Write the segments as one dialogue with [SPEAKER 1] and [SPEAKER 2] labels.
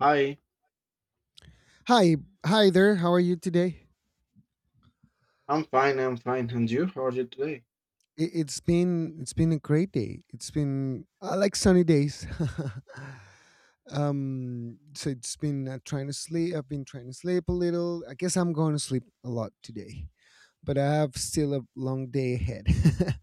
[SPEAKER 1] Hi,
[SPEAKER 2] Hi, hi there. How are you today?
[SPEAKER 1] I'm fine, I'm fine. And you? How are you today?
[SPEAKER 2] It's been a great day. It's been I like sunny days. So it's been trying to sleep. I've been trying to sleep a little. I guess I'm going to sleep a lot today, but I have still a long day ahead.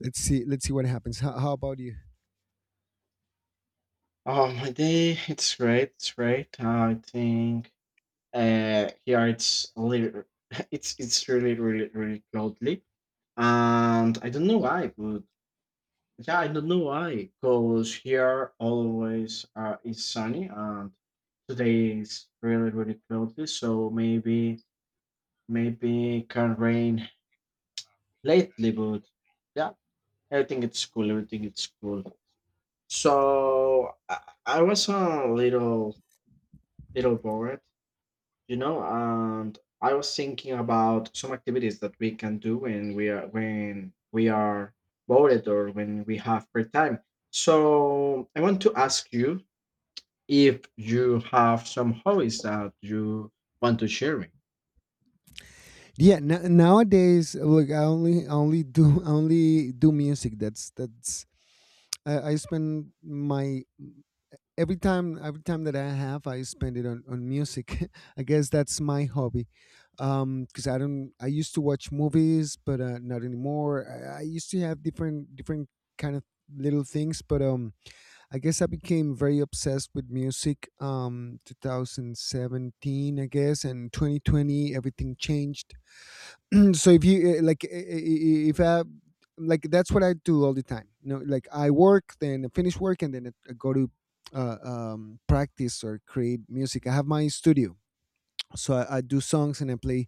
[SPEAKER 2] Let's see what happens. How about you?
[SPEAKER 1] Oh, my day, it's great, it's great. I think here it's a little, it's really, really, really cloudy. And I don't know why, but yeah, I don't know why, because here always is sunny and today is really, really cloudy, so maybe maybe it can rain lately, but yeah, everything it's cool, everything it's cool. So I was a little bored, and I was thinking about some activities that we can do when we are bored or when we have free time. So I want to ask you if you have some hobbies that you want to share me.
[SPEAKER 2] Yeah. Nowadays, look, I only do I only do music. That's that's. I spend my every time that I have, I spend it on music. I guess that's my hobby, because I don't. I used to watch movies, but not anymore. I used to have different kind of little things, but I guess I became very obsessed with music. 2017, I guess, and 2020, everything changed. So if you like if I like, that's what I do all the time, you know, like I work, then I finish work and then I go to practice or create music. I have my studio, so I do songs and I play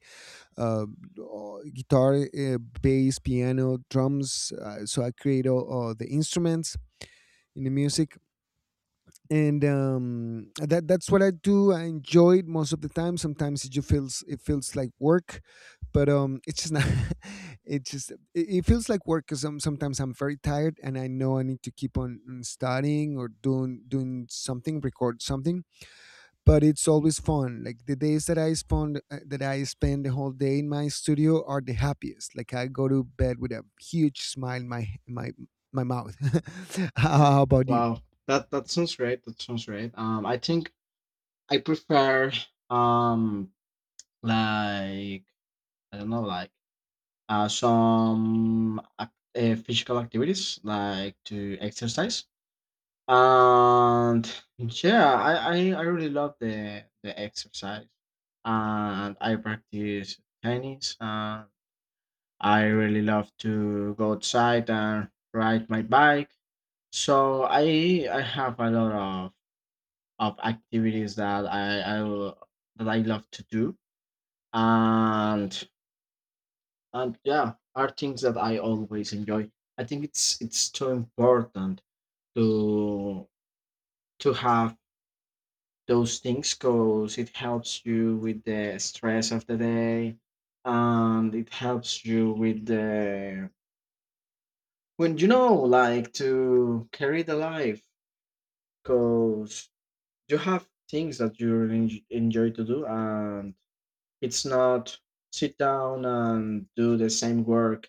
[SPEAKER 2] uh, guitar, bass, piano, drums, so I create all the instruments in the music. And that that's what I do. I enjoy it most of the time. Sometimes it feels like work, but it's just not. It just it feels like work because sometimes I'm very tired and I know I need to keep on studying or doing something, record something. But it's always fun. Like the days that I spend the whole day in my studio are the happiest. Like I go to bed with a huge smile in my my mouth. How about you?
[SPEAKER 1] Wow, that sounds great. That sounds great. I think I prefer um like I don't know, Uh, some ac- physical activities like to exercise. And yeah, I really love the exercise. And I practice tennis. And I really love to go outside and ride my bike. So I have a lot of, of activities that that I love to do. And and yeah are things that I always enjoy. I think it's too important to to have those things because it helps you with the stress of the day, and it helps you with the, when you know, like, to carry the life, because you have things that you really enjoy to do, and it's not sit down and do the same work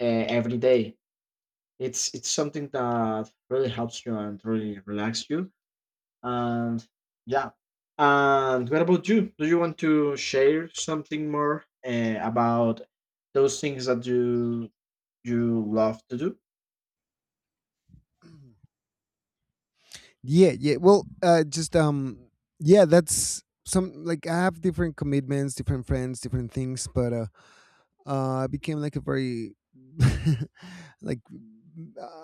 [SPEAKER 1] every day. It's something that really helps you and really relax you. And yeah. And what about you? Do you want to share something more about those things that you love to do?
[SPEAKER 2] Yeah, yeah. Well, just yeah. That's some, like, I have different commitments, different friends, different things, but I became like a very like,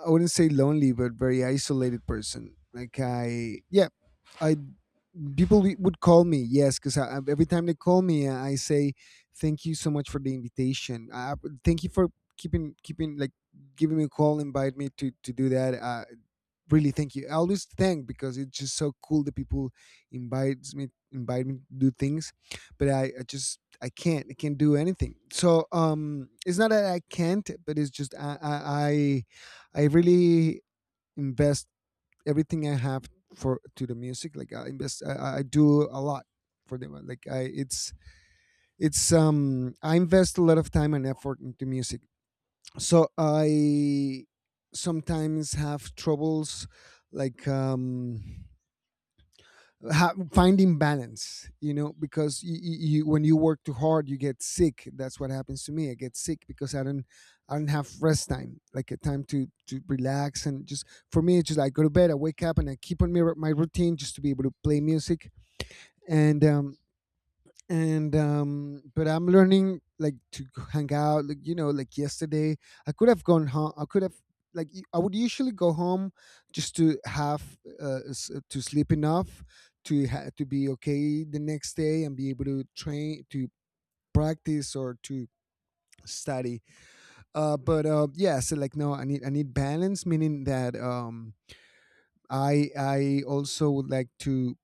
[SPEAKER 2] I wouldn't say lonely, but very isolated person. Like I, yeah, I, people would call me, yes, because every time they call me, I say thank you so much for the invitation, thank you for keeping like giving me a call, invite me to do that, really thank you. I always thank because it's just so cool that people invite me to do things, but I just I can't do anything. So it's not that I can't, but it's just I really invest everything I have for to the music. Like I invest I do a lot for them. Like I it's I invest a lot of time and effort into music, so I sometimes have troubles, like, finding balance, you know, because when you work too hard you get sick. That's what happens to me. I get sick because I don't have rest time, like a time to relax. And just, for me it's just like, go to bed, I wake up and I keep on my routine just to be able to play music. And but I'm learning, like, to hang out, like, you know, like yesterday I could have gone home, I could have like y- I would usually go home just to have to sleep enough to to be okay the next day and be able to train, to practice or to study. But Yeah, so like, no, I need balance, meaning that I I also would like to,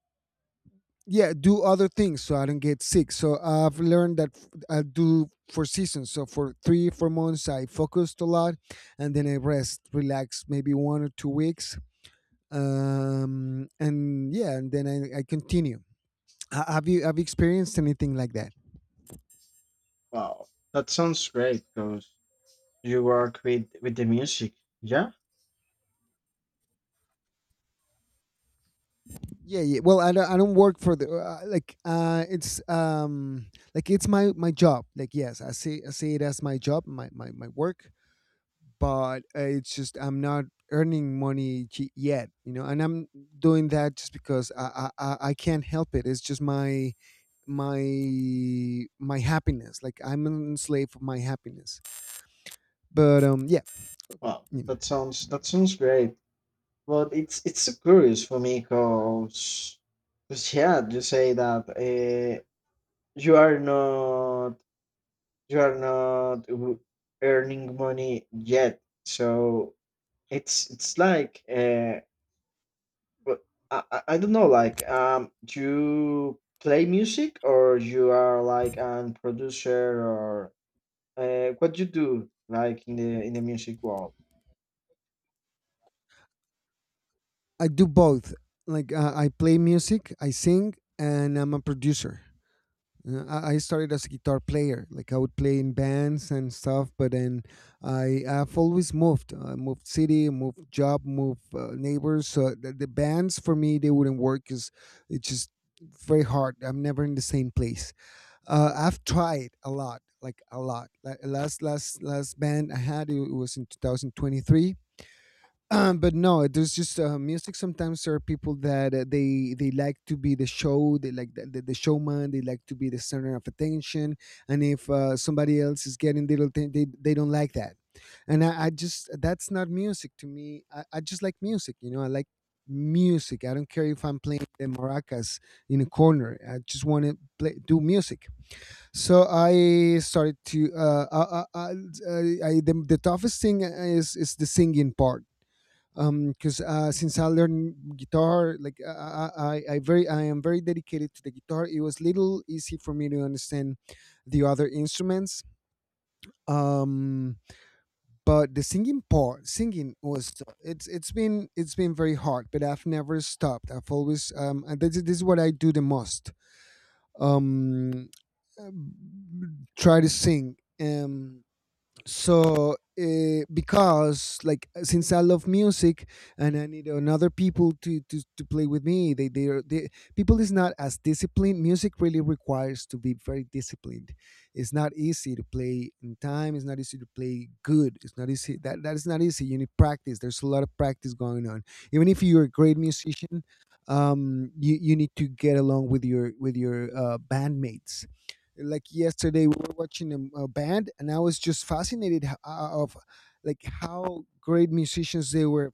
[SPEAKER 2] yeah, do other things so I don't get sick. So I've learned that, I do for seasons. So for 3 4 months I focused a lot, and then I rest relax maybe 1 or 2 weeks. And yeah, and then I continue. Have you, have you experienced anything like that?
[SPEAKER 1] Wow, that sounds great because you work with the music. Yeah.
[SPEAKER 2] Yeah, yeah. Well, I don't work for the it's my my job, like, yes, I see it as my job, my work, but it's just I'm not earning money yet, you know. And I'm doing that just because I can't help it. It's just my my happiness. Like, I'm an slave of my happiness. But yeah,
[SPEAKER 1] Wow,
[SPEAKER 2] yeah.
[SPEAKER 1] that sounds great. But it's so curious for me because yeah, you say that uh, you are not You're not w- earning money yet, so it's like but I don't know, like do you play music or you are like a producer, or what you do, like, in the music world?
[SPEAKER 2] I do both. Like, I play music, I sing, and I'm a producer. I started as a guitar player. Like, I would play in bands and stuff, but then I have always moved. I moved city, moved job, moved neighbors. So the bands for me, they wouldn't work because it's just very hard. I'm never in the same place. I've tried a lot. Like, last band I had, it was in 2023. But no, there's just music. Sometimes there are people that they like to be the show. They like the showman. They like to be the center of attention. And if somebody else is getting little thing, they don't like that. And I just, that's not music to me. I just like music. You know, I like music. I don't care if I'm playing the maracas in a corner. I just want to play do music. So I started to the toughest thing is the singing part, because since I learned guitar, like I am very dedicated to the guitar, it was little easy for me to understand the other instruments, um but the singing part, singing was, it's been it's been very hard, but I've never stopped. I've always, and this is what I do the most, um try to sing. Because like, since I love music and I need another people to to play with me, they are, they, people is not as disciplined. Music really requires to be very disciplined. It's not easy to play in time, it's not easy to play good. It's not easy that that is not easy. You need practice. There's a lot of practice going on, even if you're a great musician. You need to get along with your bandmates. Like yesterday we were watching a band, and I was just fascinated of like how great musicians they were.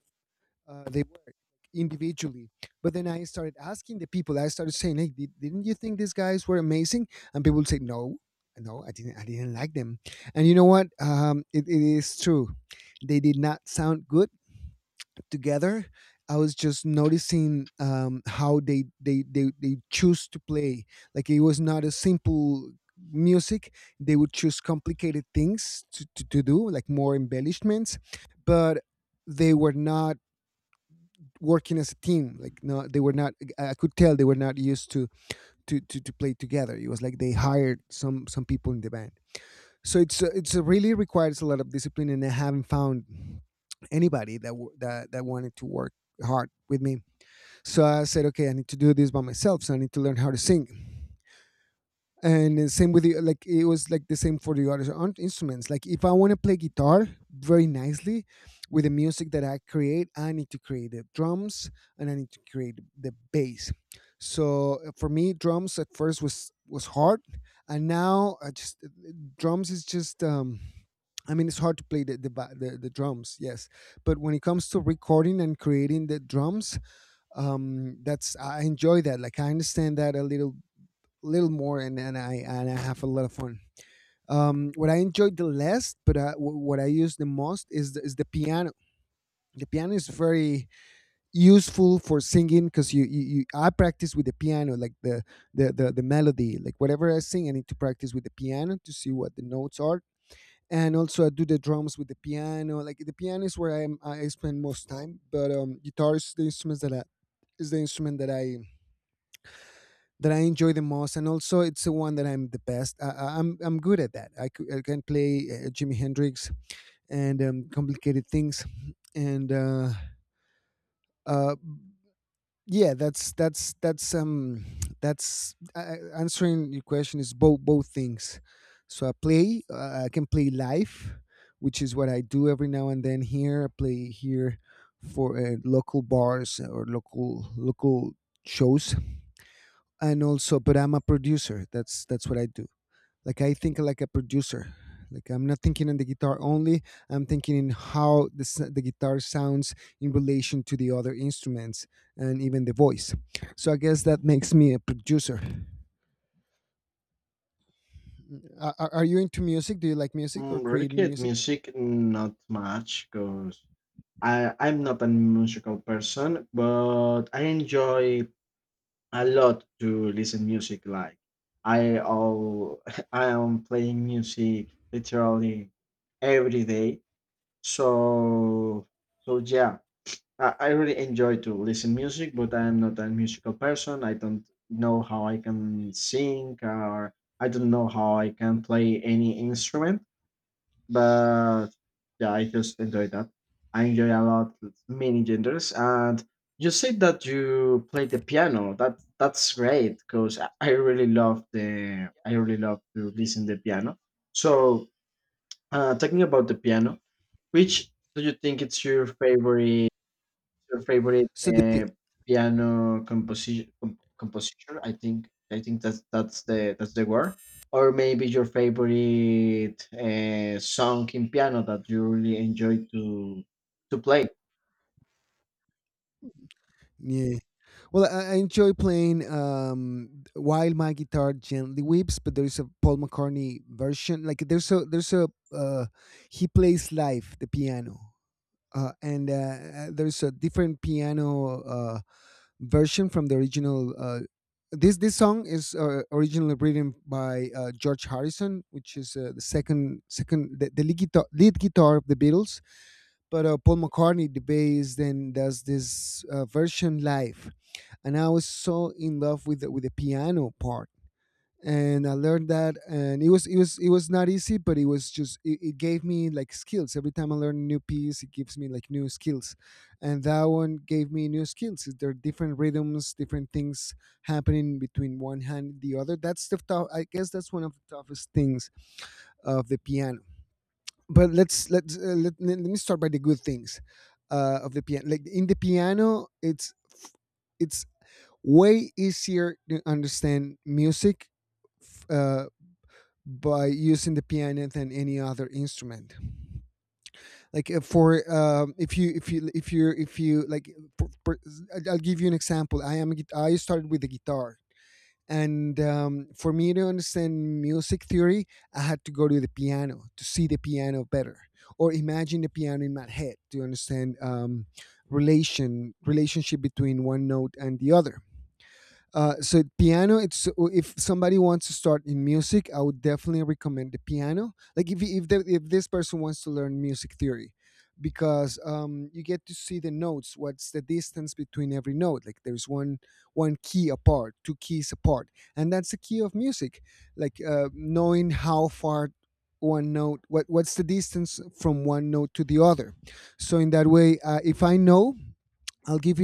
[SPEAKER 2] uh, they were Individually. But then I started asking the people, I started saying, hey, didn't you think these guys were amazing? And people would say, no, I didn't like them. And you know what, it is true, they did not sound good together. I was just noticing, how they choose to play. Like, it was not a simple music. They would choose complicated things to do, like more embellishments, but they were not working as a team. Like, no, they were not. I could tell they were not used to to play together. It was like they hired some people in the band. So it's really requires a lot of discipline, and I haven't found anybody that that wanted to work hard with me. So I said, okay, I need to do this by myself, so I need to learn how to sing. And the same with the, like, it was like the same for the other instruments. Like if I want to play guitar very nicely with the music that I create, I need to create the drums and I need to create the bass. So for me, drums at first was hard. And now I just drums is just I mean, it's hard to play the drums, yes. But when it comes to recording and creating the drums, that's, I enjoy that. Like, I understand that a little little more, and, and I have a lot of fun. What I enjoyed the less, but what I use the most is is the piano. The piano is very useful for singing because you, I practice with the piano, like the melody, like whatever I sing, I need to practice with the piano to see what the notes are. And also, I do the drums with the piano. Like, the piano is where I am, I spend most time. But guitar is the instrument that is the instrument that I enjoy the most, and also it's the one that I'm the best. I'm good at that. I can play Jimi Hendrix and complicated things, and uh, yeah, that's answering your question, is both things. So I play. I can play live, which is what I do every now and then. Here I play here for local bars or local shows. And also, but I'm a producer. That's what I do. Like, I think like a producer. Like, I'm not thinking on the guitar only. I'm thinking in how the guitar sounds in relation to the other instruments and even the voice. So I guess that makes me a producer. Are you into music? Do you like music or
[SPEAKER 1] Mm,
[SPEAKER 2] creating
[SPEAKER 1] recreate
[SPEAKER 2] music?
[SPEAKER 1] music, not much, because I'm not a musical person, but I enjoy a lot to listen music, like I all I am playing music literally every day. So so yeah, I really enjoy to listen music, but I'm not a musical person. I don't know how I can sing, or I don't know how I can play any instrument, but yeah, I just enjoy that. I enjoy a lot many genders, and you said that you play the piano. That's great, because I really love the, I really love to listen the piano. So talking about the piano, which do you think it's your favorite? Your favorite
[SPEAKER 2] so the pi-
[SPEAKER 1] piano composition, composition? I think that's the, that's the word. Or maybe your favorite song in piano that you really enjoy to play.
[SPEAKER 2] yeah. Well, I enjoy playing While My Guitar Gently Weeps. But there's a Paul McCartney version, like there's a uh he plays live the piano and there's a different piano version from the original. This song is originally written by George Harrison, which is the second, the lead, lead guitar of the Beatles. But Paul McCartney, the bass, then does this version live, and I was so in love with with the piano part, and I learned that, and it was it was not easy, but it was just it gave me like skills. Every time I learn a new piece, it gives me like new skills, and that one gave me new skills. There are different rhythms, different things happening between one hand and the other. That's the tough. I guess that's one of the toughest things of the piano. But let me start by the good things of the piano. Like, in the piano, it's way easier to understand music f- uh, by using the piano than any other instrument. Like for if you if you if you if you like, for, I'll give you an example. I am I started with the guitar, and for me to understand music theory, I had to go to the piano to see the piano better, or imagine the piano in my head to understand relationship between one note and the other. So piano, it's if somebody wants to start in music, I would definitely recommend the piano. Like, if if this person wants to learn music theory, because you get to see the notes, what's the distance between every note. Like, there's one key apart, two keys apart, and that's the key of music. Like, knowing how far what what's the distance from one note to the other. So in that way, if I know, I'll give you